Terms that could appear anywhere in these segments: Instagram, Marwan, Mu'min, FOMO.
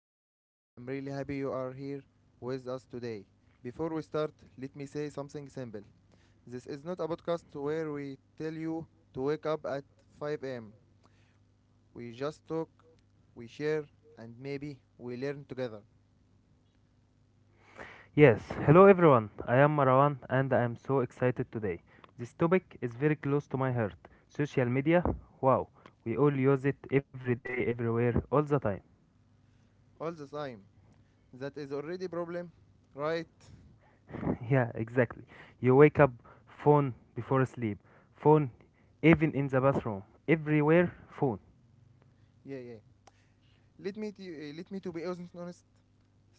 Mu'min. I am really happy you are here with us today. Before we start, let me say something simple. This is not a podcast where we tell you to wake up at 5 am. We just talk, we share, and maybe we learn together. Yes, hello everyone. I am Marwan and I am so excited today. This topic is very close to my heart. Social media, wow, we all use it every day, everywhere, all the time. All the time. That is already problem, right? yeah, exactly. You wake up, phone before sleep, phone even in the bathroom, everywhere, phone. Yeah, yeah. Let me to be honest.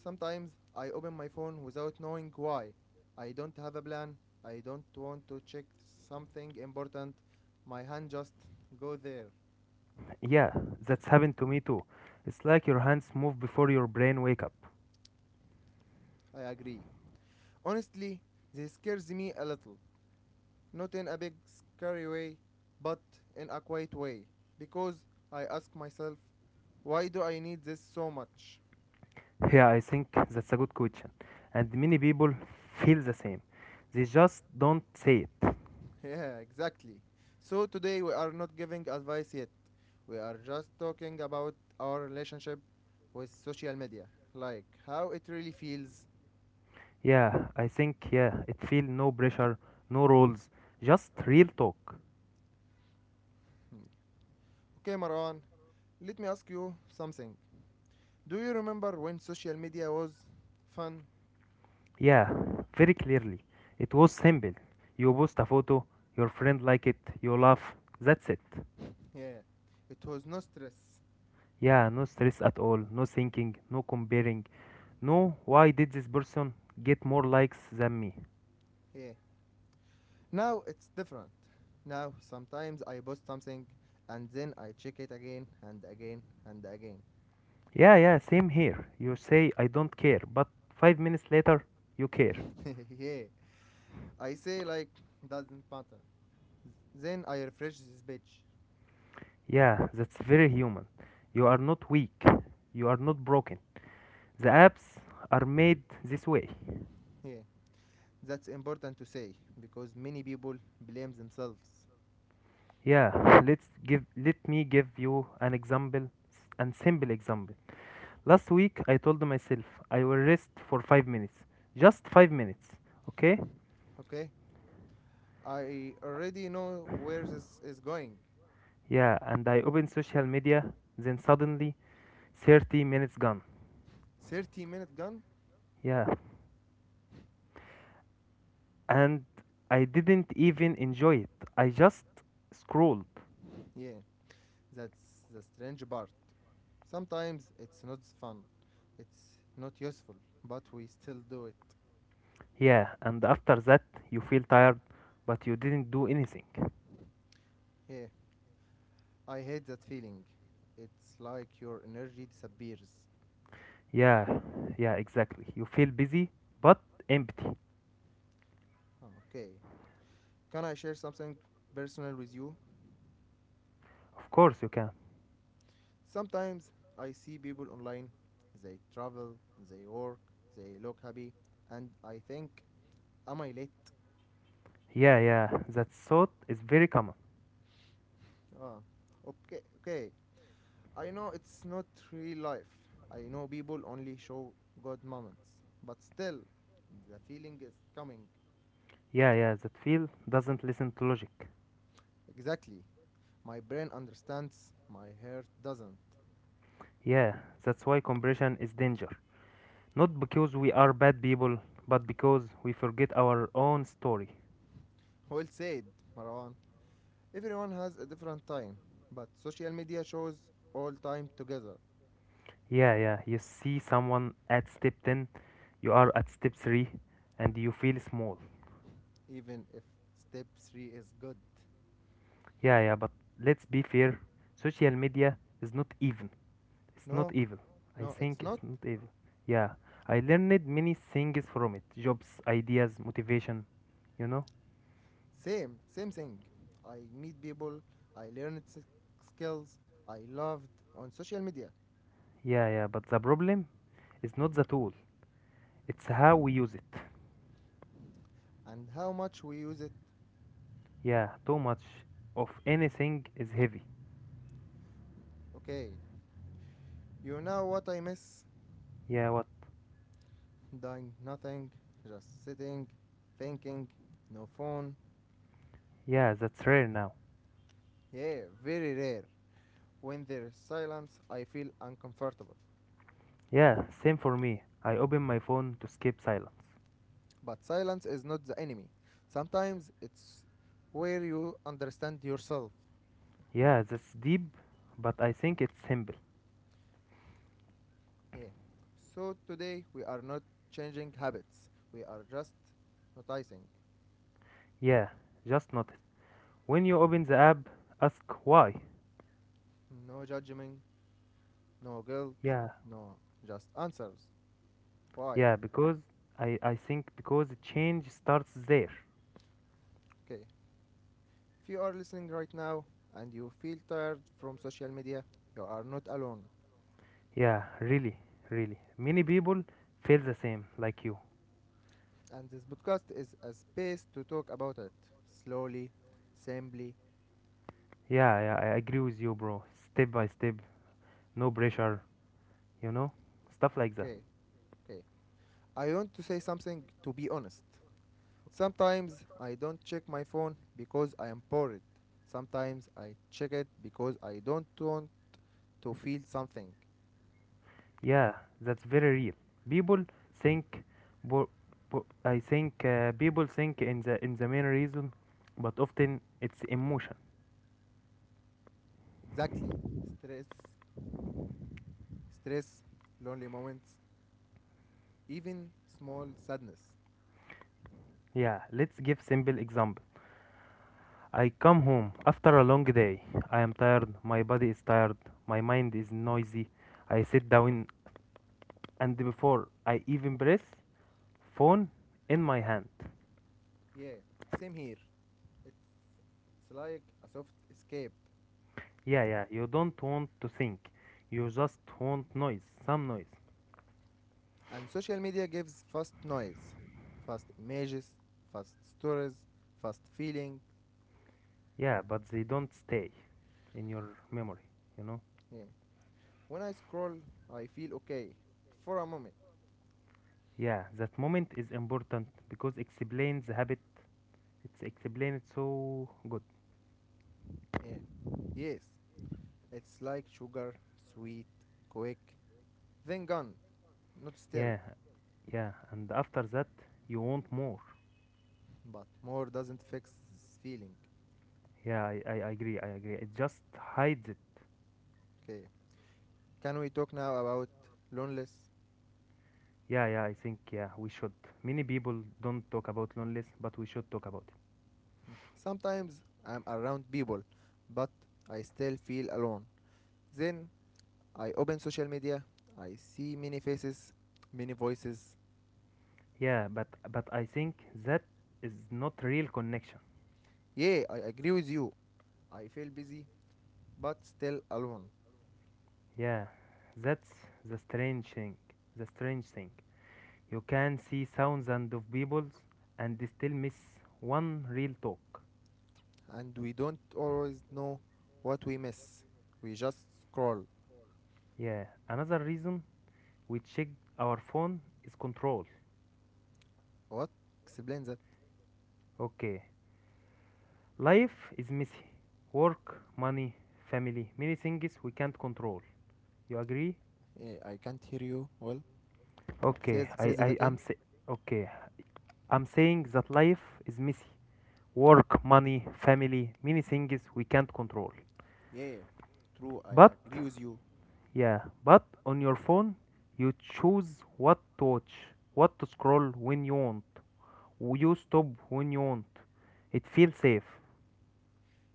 Sometimes I open my phone without knowing why. I don't have a plan. I don't want to check something important. My hand just go there. Yeah, that's happened to me too. It's like your hands move before your brain wake up. I agree. Honestly, this scares me a little. Not in a big scary way, but in a quiet way. Because I ask myself, why do I need this so much? Yeah, I think that's a good question. And many people feel the same. They just don't say it. Yeah, exactly. So today we are not giving advice yet. We are just talking about our relationship with social media, like how it really feels. Yeah, I think it feel no pressure, no rules, just real talk. Hmm. Okay, Marwan, let me ask you something. Do you remember when social media was fun? Yeah, very clearly. It was simple. You post a photo, your friend like it, you laugh. That's it. Yeah, it was no stress. Yeah, no stress at all, no thinking, no comparing. No, why did this person get more likes than me? Yeah. Now it's different. Now sometimes I post something and then I check it again and again and again. Yeah, yeah, same here. You say I don't care, but 5 minutes later you care. Yeah. I say like doesn't matter. Then I refresh this page. Yeah, that's very human. You are not weak. You are not broken. The apps are made this way. Yeah, that's important to say because many people blame themselves. Yeah, let me give you an example s- and simple example. Last week I told myself I will rest for 5 minutes. Just 5 minutes. Okay? Okay, I already know where this is going. Yeah, and I opened social media, then suddenly 30 minutes gone. 30-minute gun? Yeah. And I didn't even enjoy it. I just scrolled. Yeah, that's the strange part. Sometimes it's not fun, it's not useful, but we still do it. Yeah, and after that you feel tired, but you didn't do anything. Yeah, I hate that feeling. It's like your energy disappears. Yeah, yeah, exactly. You feel busy but empty. Okay, can I share something personal with you? Of course you can. Sometimes I see people online, they travel, they work, they look happy, and I think, am I late? Yeah, yeah, that thought is very common. Ah, okay, okay. I know it's not real life. I know people only show good moments, but still, the feeling is coming. Yeah, yeah, that feel doesn't listen to logic. Exactly. My brain understands, my heart doesn't. Yeah, that's why compression is danger. Not because we are bad people, but because we forget our own story. Well said, Marwan. Everyone has a different time, but social media shows all time together, Yeah, yeah, you see someone at step 10, you are at step 3, and you feel small. even if step 3 is good. Yeah, yeah, but let's be fair social media is not even. It's not No, evil. I no, it's think not. it's not evil. Yeah, I learned many things from it jobs, ideas, motivation, you know? Same, same thing. I meet people, I learned skills I loved on social media Yeah, yeah, but the problem is not the tool, it's how we use it. and how much we use it. Yeah, too much of anything is heavy. Okay, you know what I miss? Yeah, what? Doing nothing, just sitting, thinking, no phone. Yeah, that's rare now. Yeah, very rare. When there's silence, I feel uncomfortable. Yeah, same for me. I open my phone to skip silence. But silence is not the enemy. Sometimes it's where you understand yourself. Yeah, that's deep, but I think it's simple. Yeah. So today we are not changing habits. We are just noticing. Yeah, just notice. When you open the app, ask why. No judgment, no guilt, Yeah, no just answers. Why? yeah, because I think because change starts there. Okay. If you are listening right now and you feel tired from social media, you are not alone. Yeah, really, really. Many people feel the same, like you. And this podcast is a space to talk about it slowly, simply. Yeah, yeah, I agree with you, bro. Step by step, no pressure, you know? Stuff like that. Okay, okay. I want to say something to be honest. Sometimes I don't check my phone because I am bored. Sometimes I check it because I don't want to feel something. Yeah, that's very real. People think, bo- bo- I think people think in the main reason, but often it's emotion. Exactly. Stress, stress, lonely moments, even small sadness. Yeah, let's give simple example. I come home after a long day. I am tired, my body is tired, my mind is noisy. I sit down and before I even breathe, phone in my hand. Yeah, same here. It's, it's like a soft escape. Yeah, yeah, you don't want to think. You just want noise, some noise. And social media gives fast noise, fast images, fast stories, fast feeling. Yeah, but they don't stay in your memory, you know? Yeah. When I scroll, I feel okay for a moment. Yeah, that moment is important because explains the habit. It's explained so good. Yeah. Yes, it's like sugar, sweet, quick, then gone. Not still, Yeah, yeah, and after that, you want more. but more doesn't fix this feeling. Yeah, I agree. I agree. It just hides it. Okay. Can we talk now about loneliness? Yeah, I think we should. Many people don't talk about loneliness, but we should talk about it. Sometimes I'm around people, but I still feel alone. Then I open social media, I see many faces, many voices. Yeah, but I think that is not real connection. Yeah, I agree with you. I feel busy, but still alone. Yeah, that's the strange thing. The strange thing. You can see thousands of people and still miss one real talk. And we don't always know what we miss. We just scroll. Yeah, another reason we check our phone is control. What? Explain that. Okay, life is messy. Work, money, family, many things we can't control. You agree? Yeah, I can't hear you well. Okay, Says says that I am again. say okay. I'm saying that life is messy. Work, money, family, many things we can't control. Yeah, true. I But agree with you. yeah, but on your phone you choose what to watch, what to scroll when you want. You stop when you want. It feels safe.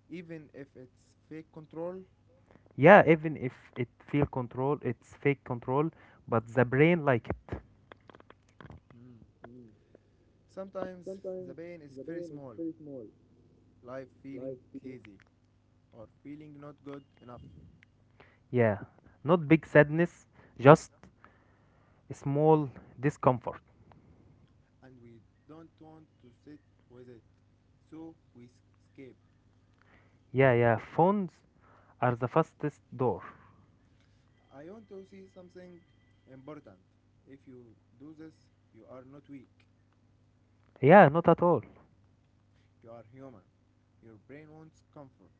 Even if it's fake control, Yeah, even if it feel control, it's fake control, but the brain like it. mm, sometimes the Sometimes pain is the very pain is small, very small, like feeling like feeling lazy or feeling not good enough, yeah, not big sadness, just small discomfort. and we don't want to sit with it, so we escape. Yeah, yeah, phones are the fastest door. I want to see something important. If you do this, you are not weak. Yeah, not at all. You are human. Your brain wants comfort.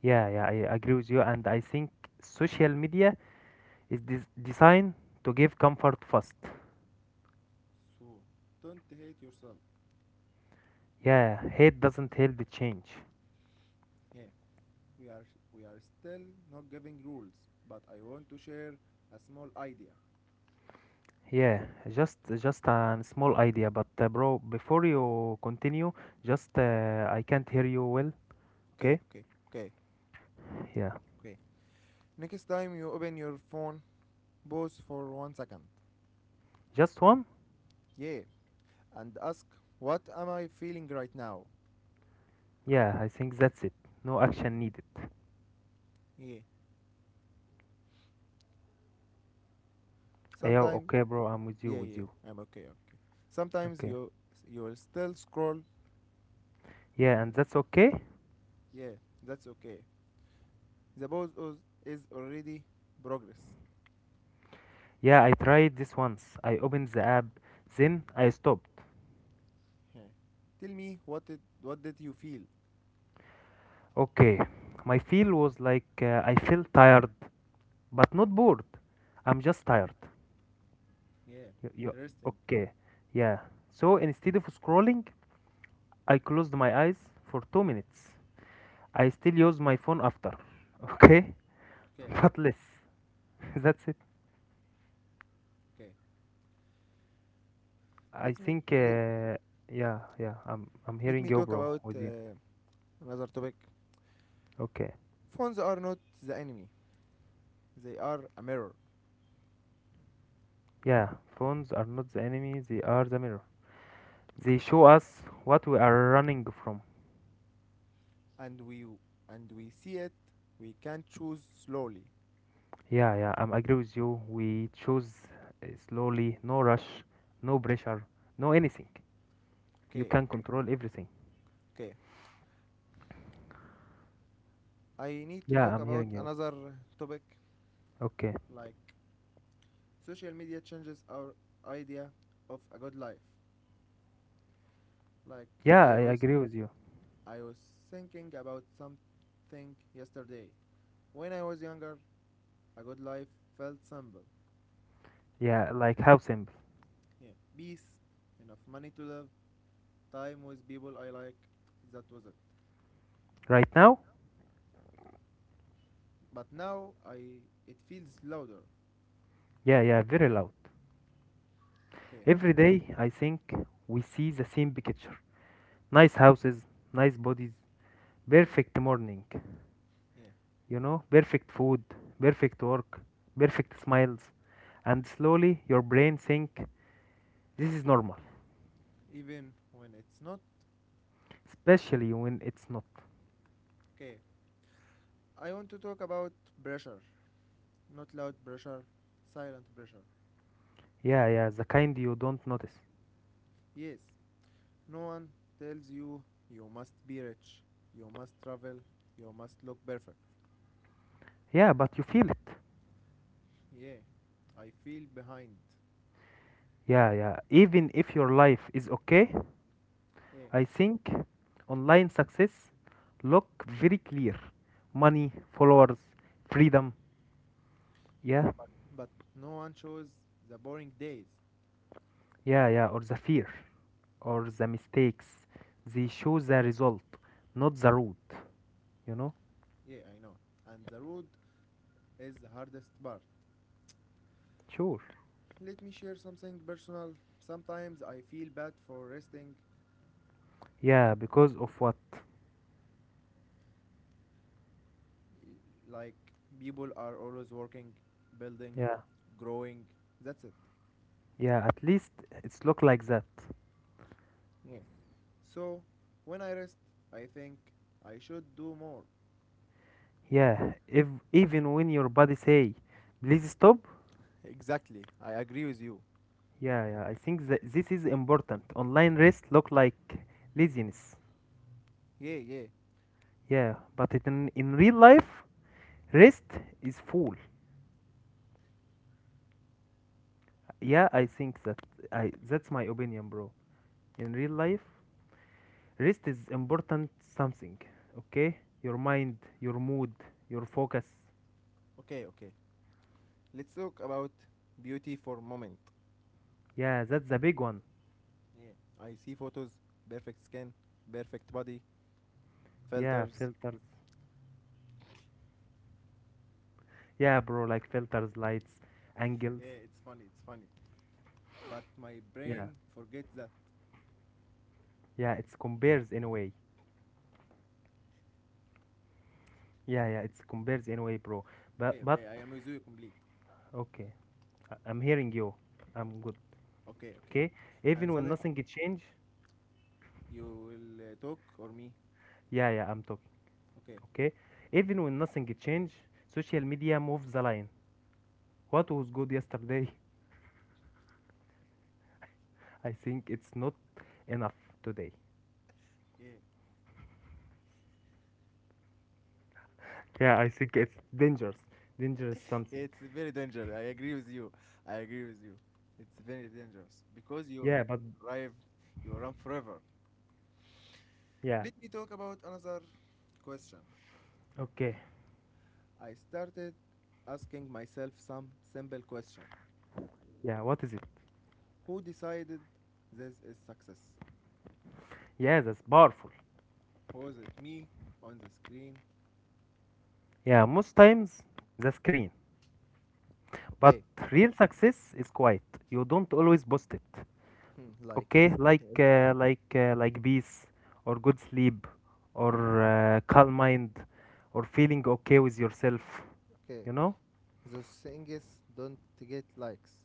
Yeah, yeah, I agree with you, and I think social media is designed to give comfort fast. So don't hate yourself. Yeah, hate doesn't help it change. Yeah, we are we are still not giving rules, but I want to share a small idea. Yeah, just a small idea, but bro, before you continue, just I can't hear you well. Okay, Okay? okay, okay, Yeah, okay. Next time you open your phone, pause for 1 second. just one. Yeah, and ask, what am I feeling right now? Yeah, I think that's it. No action needed. Yeah, Yeah, sometimes, okay, bro, I'm with you, yeah, with yeah, you. I'm okay, okay. Sometimes Okay. you will still scroll. Yeah, and that's okay? Yeah, that's okay. The pause is already progress. Yeah, I tried this once. I opened the app, then I stopped. Yeah. Tell me what did you feel? Okay. My feel was like I feel tired, but not bored. I'm just tired. Yeah, You, you, interesting. okay. Yeah. So instead of scrolling, I closed my eyes for 2 minutes. I still use my phone after. Okay? Okay, okay, But less. That's it. okay. I Let me think, le- uh, yeah, yeah, I'm, I'm let hearing me you, talk bro, about with you. Another topic. Okay. Phones are not the enemy; they are a mirror, Yeah, phones are not the enemy, they are the mirror. They show us what we are running from. and we and we see it. We can choose slowly. Yeah, yeah, I'm agree with you. We choose slowly, no rush, no pressure, no anything. You Okay, can control everything. okay. I need to Yeah, talk I'm about hearing you. another topic, Okay. like social media changes our idea of a good life. Like Yeah, I I was agree with you. I was thinking about something yesterday. When I was younger, a good life felt simple. Yeah, like how simple. Yeah. Peace, enough money to live, time with people I like. That was it. Right now? But now I it feels louder. Yeah, yeah, very loud. Okay. Every day, I think we see the same picture. Nice houses, nice bodies, perfect morning, Yeah. you know, perfect food, perfect work, perfect smiles, and slowly your brain think this is normal, Even when it's not. especially when it's not. Okay. I want to talk about pressure, not loud pressure, silent pressure. Yeah, yeah, the kind you don't notice. Yes. No one tells you you must be rich, you must travel, you must look perfect. Yeah, but you feel it. Yeah. I feel behind. Yeah, yeah, even if your life is okay, Yeah. I think online success look very clear. Money, followers, freedom. Yeah, But no one shows the boring days. yeah, or the fear, or the mistakes. They show the result, not the root. You know? Yeah, I know. And the road is the hardest part. Sure. Let me share something personal. Sometimes I feel bad for resting. Yeah, because of what? Like people are always working, building, Yeah, growing. That's it. yeah, at least it's look like that. Yeah. So when I rest, I think I should do more. Yeah, if even when your body say please stop. Exactly. I agree with you. Yeah, yeah, I think that this is important online rest look like laziness. Yeah, yeah. Yeah, but in real life rest is full. Yeah, I think that I that's my opinion, bro. In real life rest is important something. Okay, your mind, your mood, your focus. Okay, okay. Let's talk about beauty for a moment. Yeah, that's a big one. Yeah. I see photos, perfect skin, perfect body, Yeah, filters. filters. Yeah, bro, like filters, lights, angles. Yeah, it's funny, it's funny. But my Yeah, brain forgets that. yeah, it's compares in a way. Yeah, yeah, it's compares in a way, bro. But Okay, but okay, I am with you complete. okay, I'm hearing you. I'm good. Okay, okay. Okay, And even when suddenly nothing change. you will talk or me. Yeah, yeah, I'm talking. Okay. Okay, even when nothing change, social media moves the line. What was good yesterday, I think it's not enough today. Yeah. Yeah, I think it's dangerous, dangerous Yeah, something. it's very dangerous. I agree with you. I agree with you. It's very dangerous because you Yeah, never but arrive, you run forever. yeah, Let me talk about another question. okay. I started asking myself some simple question. Yeah, what is it? Who decided this is success? Yeah, that's powerful. Was it me on the screen? Yeah, most times the screen. But Okay. real success is quiet. You don't always post it. Hmm, like Okay, uh, like peace, or good sleep, or calm mind, or feeling okay with yourself. okay, You know? the thing is don't get likes.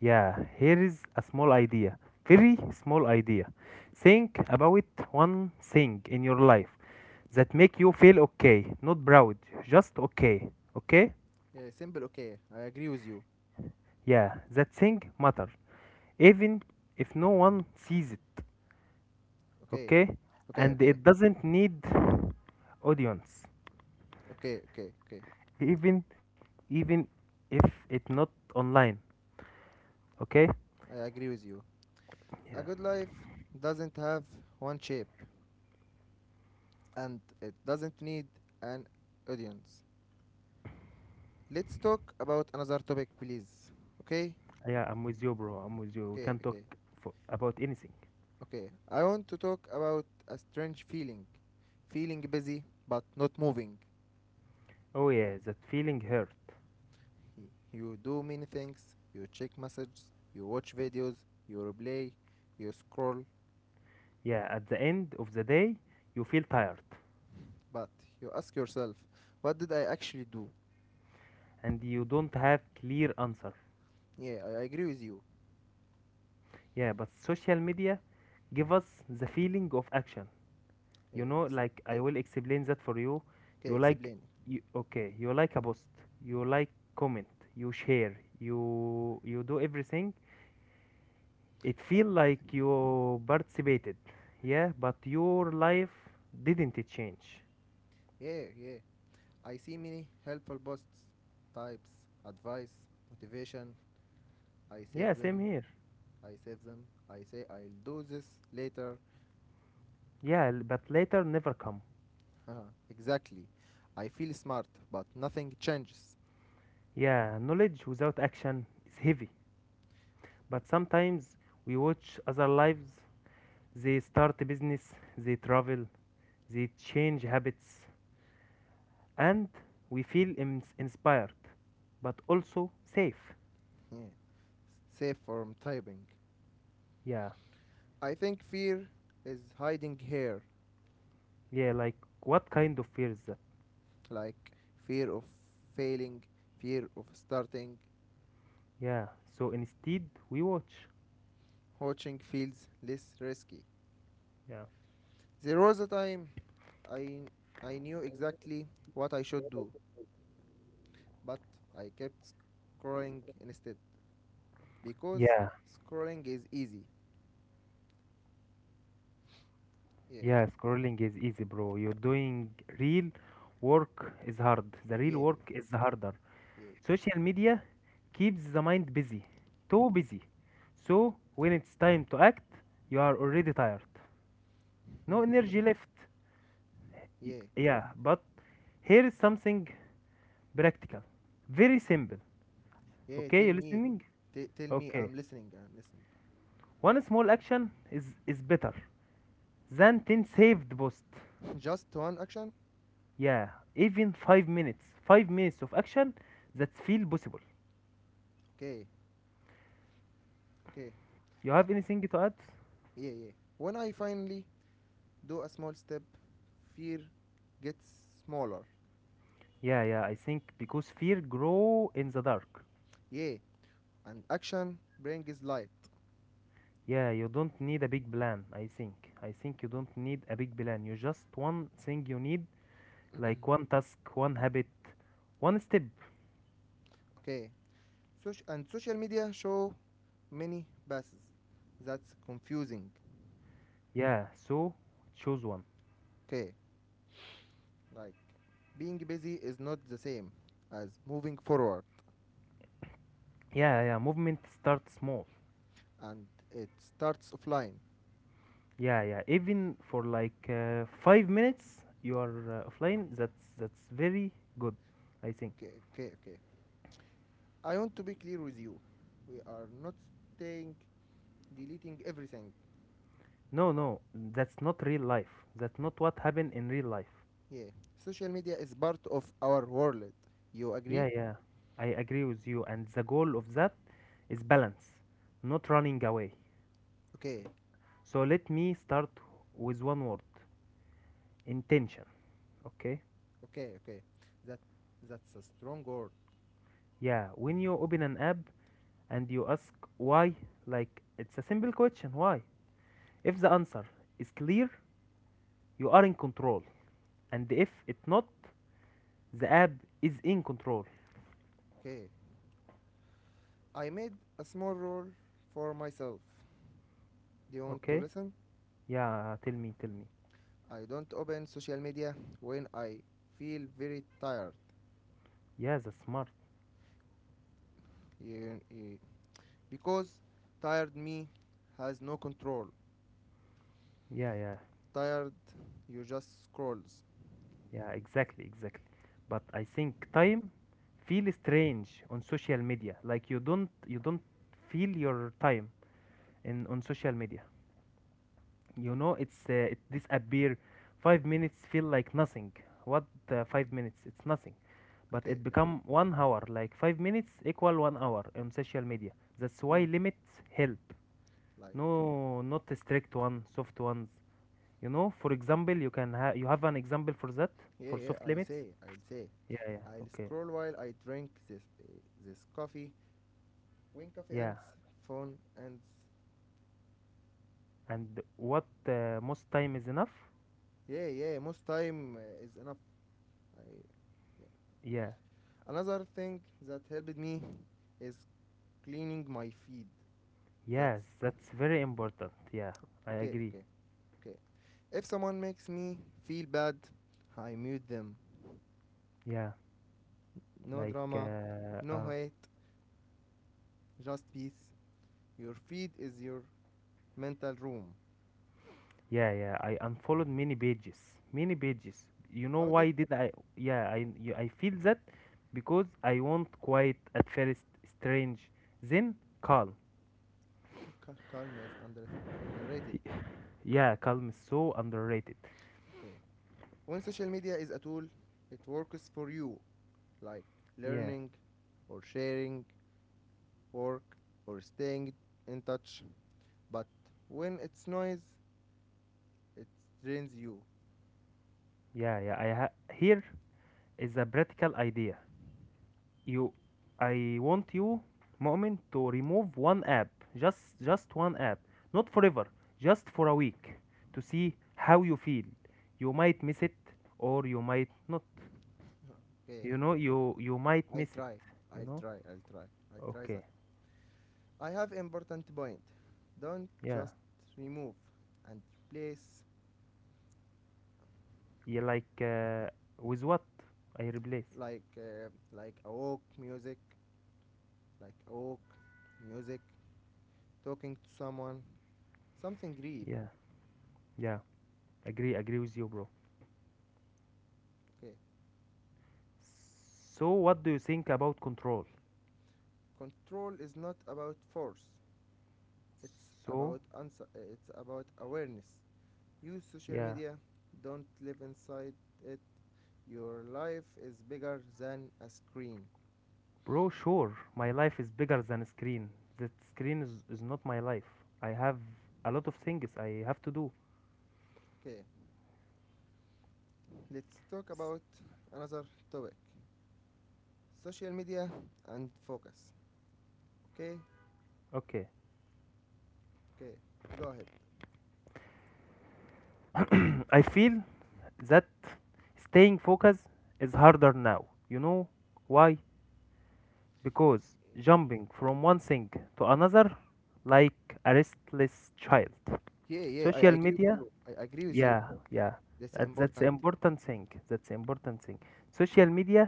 Yeah, here is a small idea. Very small idea. Think about one thing in your life that make you feel okay, not proud, just okay. Okay? Yeah, simple, okay, I agree with you. Yeah, that thing matter, even if no one sees it. Okay, Okay. okay, And okay, it doesn't need audience, okay, okay, okay, even even if it's not online. Okay. I agree with you. A Yeah, good life doesn't have one shape and it doesn't need an audience. Let's talk about another topic, please. Okay, yeah, I'm with you bro I'm with you We okay, can talk okay, about anything. okay, I want to talk about a strange feeling, feeling busy but not moving. Oh yeah, that feeling hurt. You do many things, you check messages, you watch videos, you replay, you scroll, Yeah, at the end of the day you feel tired, but you ask yourself, what did I actually do? and you don't have clear answer. Yeah, I agree with you. Yeah, but social media give us the feeling of action, Yeah, you know? Like yeah, I will explain that for you. okay, you like explain. you, okay you like a post, you like comment, you share, you do everything. It feel like you participated. Yeah, but your life didn't change. Yeah, yeah. I see many helpful posts, types, advice, motivation. I save Yeah, same them. here. I save them. I say I'll do this later. Yeah, but later never come. Haha, exactly. I feel smart, but nothing changes. Yeah, knowledge without action is heavy. But sometimes we watch other lives. They start a business, they travel, they change habits, and we feel inspired, but also safe. Yeah. Save from typing. Yeah, I think fear is hiding here, yeah, like what kind of fear is that? like fear of failing, fear of starting. Yeah, so instead we watch. Watching feels less risky. yeah There was a time I, I knew exactly what I should do, but I kept scrolling instead because yeah scrolling is easy. Yeah, yeah scrolling is easy, bro. You're doing real work is hard. The real yeah, work is harder. yeah, Social media keeps the mind busy, too busy, so when it's time to act you are already tired. yeah. No No, energy left. Y- yeah, yeah but here is something practical, very simple. yeah. Okay, Tell you me, listening? t- tell me. Okay, I'm listening. I'm listening. one small action is better than 10 saved posts. Just one action. Yeah, even 5 minutes of action that feel possible. Okay, okay. You have anything to add? Yeah, yeah, when I finally do a small step, fear gets smaller. Yeah, yeah, I think because fear grow in the dark. Yeah, and action brings light. Yeah, you don't need a big plan. I think you don't need a big plan, you just one thing you need. Like one task, one habit, one step. Okay. And social media show many passes, that's confusing. Yeah, so choose one. Okay, like being busy is not the same as moving forward, Yeah. Movement start small. and it starts offline. Yeah, yeah. Even for like 5 minutes, you are offline. That's very good, I think. Okay, okay, okay, I want to be clear with you, we are not saying deleting everything. No, no, that's not real life. That's not what happened in real life. Yeah, social media is part of our world. You agree? Yeah, yeah. I agree with you. And the goal of that is balance, not running away. Okay, So let me start with one word: intention. Okay. okay, okay. That that's a strong word. Yeah. When you open an app and you ask why, like it's a simple question. Why? If the answer is clear, you are in control. And if it not, the app is in control. Okay, I made a small rule for myself. Do you want to Okay? listen? Yeah, tell me, tell me. I don't open social media when I feel very tired. Yeah, that's smart. You- you- because tired me has no control. Yeah, yeah, Tired, you just scrolls. yeah, exactly, exactly. But I think time feel strange on social media. Like you don't feel your time in on social media. It disappear. 5 minutes feel like nothing. What 5 minutes? It's nothing. But Okay, it okay. become 1 hour, like 5 minutes equal 1 hour on social media. That's why Hmm. limits help. Like. No, not a strict one, soft ones. You know, for example, you have an example for that, Yeah, for yeah, soft I'll limits? say, I'll say. Yeah, yeah, I'll okay. scroll while I drink this coffee. When coffee Yeah. ends, phone ends. And what most time is enough? Yeah, yeah, most time is enough. I, yeah. Yeah. Another thing that helped me is cleaning my feed. That's Yes, that's very important. Yeah, I okay, agree. okay, okay. If someone makes me feel bad, I mute them. Yeah, No like drama, no hate, just peace. Your feed is your mental room. yeah, yeah. I unfollowed many pages, many pages. You know How did why did I? Yeah, I feel that because I want quiet at first, strange, then calm. calm is underrated? Yeah, calm is so underrated. Okay. When social media is a tool, it works for you, like Yeah, learning or sharing, work or staying in touch. But when it's noise, it drains you. yeah, yeah. Here is a practical idea. You, I want you, Mu'min, to remove one app, just one app, not forever, just for a week, to see how you feel. You might miss it, or you might not. Okay, You might I'll miss it. try. You I'll know. try. I'll try. I'll try Okay. that. I have important point. Don't Yeah. just remove and replace, Yeah. Like with what I replace. like like a walk music, talking to someone, something real. Yeah. Yeah. Agree. Agree with you, bro. Okay, So what do you think about control? control is not about force. It's So about answer. It's about awareness. Use social yeah, media. Don't live inside it. Your life is bigger than a screen. bro. Sure, my life is bigger than screen. That screen is not my life. I have a lot of things I have to do. Okay, let's talk about another topic. Social media and focus. Okay, Okay. okay, go ahead. I feel that staying focused is harder now. You know why? Because jumping from one thing to another, like a restless child. Yeah, yeah, Social I agree with media. you. I agree with you. Yeah, Paul. yeah, That's that's important. important thing, that's important thing. Yeah, Social media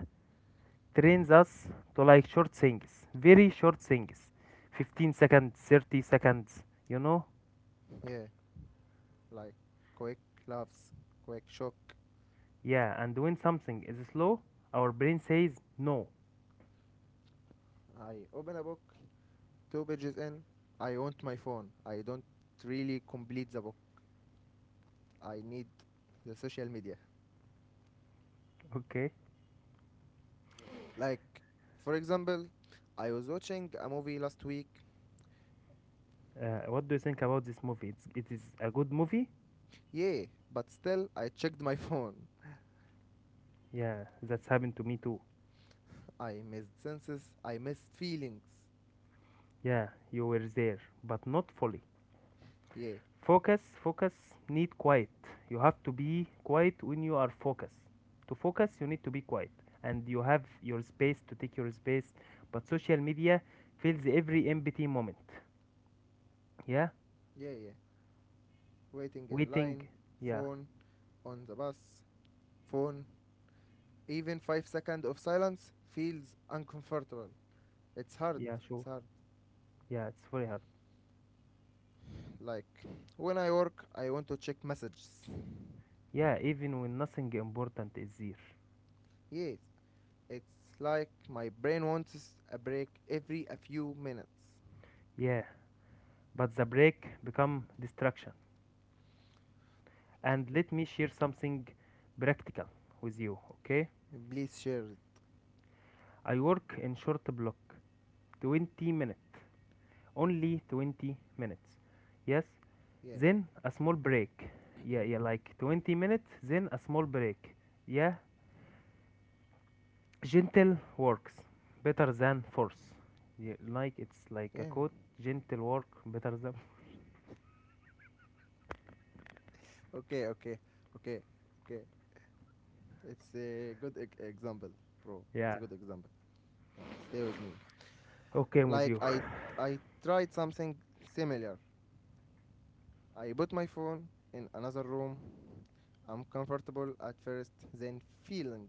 trains us to like short things, very short things, 15 seconds, 30 seconds, you know yeah, like quick laughs, quick shock. yeah. And when something is slow, our brain says no. I open a book two pages in, I want my phone. I don't really complete the book. I need the social media. Okay. Like, for example, I was watching a movie last week. What do you think about this movie? It is a good movie. Yeah, but still, I checked my phone. Yeah, that's happened to me too. I missed senses. I missed feelings. Yeah, you were there, but not fully. Yeah, Focus, focus, need quiet. You have to be quiet when you are focused. To focus, you need to be quiet, and you have your space to take your space. But social media fills every empty moment. Yeah, yeah, yeah. Waiting in waiting. line, Yeah, phone, on the bus, phone. Even 5 seconds of silence feels uncomfortable. It's hard. yeah, It's sure. hard. Yeah, it's very hard. Like when I work, I want to check messages. Yeah, even when nothing important is there. Yes, it's like my brain wants a break every a few minutes. Yeah, but the break become distraction. And Okay, let me share something practical with you, okay? please share it. I work in short block, 20 minutes, only 20 minutes. Yes, Yeah, then a small break. Yeah, yeah, like 20 minutes, then a small break. Yeah, gentle works better than force. Yeah, like it's like a yeah. quote, gentle work better than. Okay, okay, okay, okay. It's a good example, bro. It's Yeah, a good example. Stay with me. okay, I'm with Like you. I tried something similar. I put my phone in another room. I'm comfortable at first, then feeling.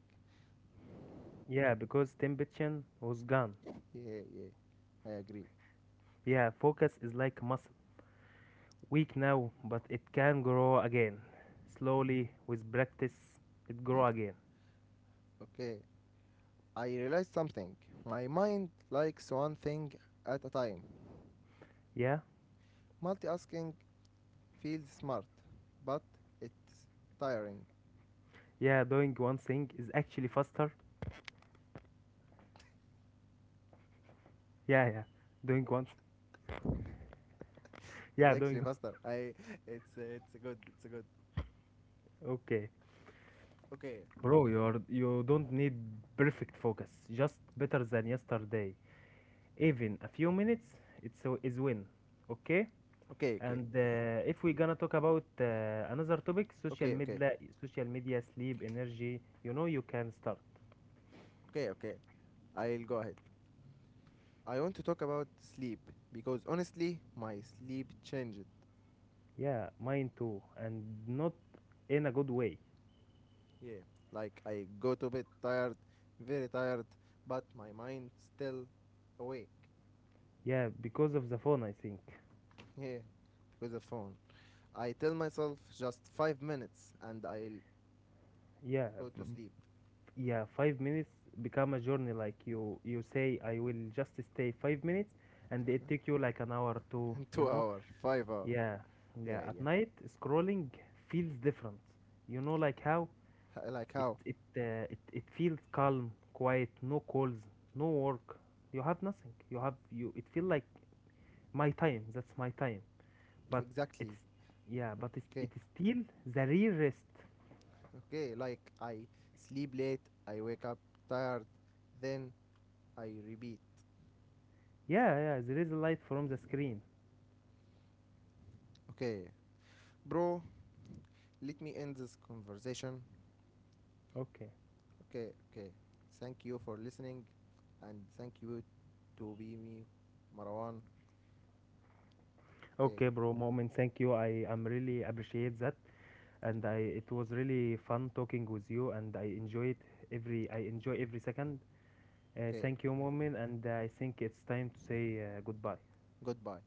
Yeah, because temptation was gone. Yeah, yeah. I agree. Yeah, focus is like muscle, weak now, but it can grow again. Slowly with practice, it grow again. Okay. I realized something. My mind likes one thing at a time. Yeah. Multitasking feels smart, but it's tiring. Yeah, doing one thing is actually faster. Yeah, yeah. Doing one. It's Yeah, actually doing. faster. I. It's good. It's good. Okay. Okay. Bro, you don't need perfect focus. Just better than yesterday. Even a few minutes, is win. Okay? Okay. Okay. And if we're Mm, gonna talk about another topic, Okay. Okay. Social media, sleep, energy, you can start. Okay. Okay. I'll go ahead. I want to talk about sleep because honestly, my sleep changed. Yeah, mine too, and not in a good way. Yeah. Like I go to bed tired, very tired, but my mind still awake. Yeah, because of the phone, I think. Yeah. Because of phone. I tell myself just 5 minutes and I'll Yeah, go b- to sleep. yeah, 5 minutes become a journey, like you say I will just stay 5 minutes and it take you like an hour to you Two know hour, 5 hour. Yeah, yeah, Yeah, at yeah. night scrolling feels different. Like how? Like it how? it uh, it, it feels calm, quiet, no calls, no work. You have nothing, you have you, it feel like my time, that's my time. But Exactly. it's Yeah, but it's, it Okay, is still the real rest. okay. Like I sleep late, I wake up tired, then I repeat. Yeah, yeah, there is a light from the screen. Okay, bro, let me end this conversation. Okay. Okay, okay. Thank you for listening, and thank you to be me, Marwan. Okay, Okay, bro, Moment, thank you. I am really appreciate that, and I it was really fun talking with you, and I enjoy every second. Okay, okay. Thank you, Moment, and I think it's time to say goodbye. Goodbye.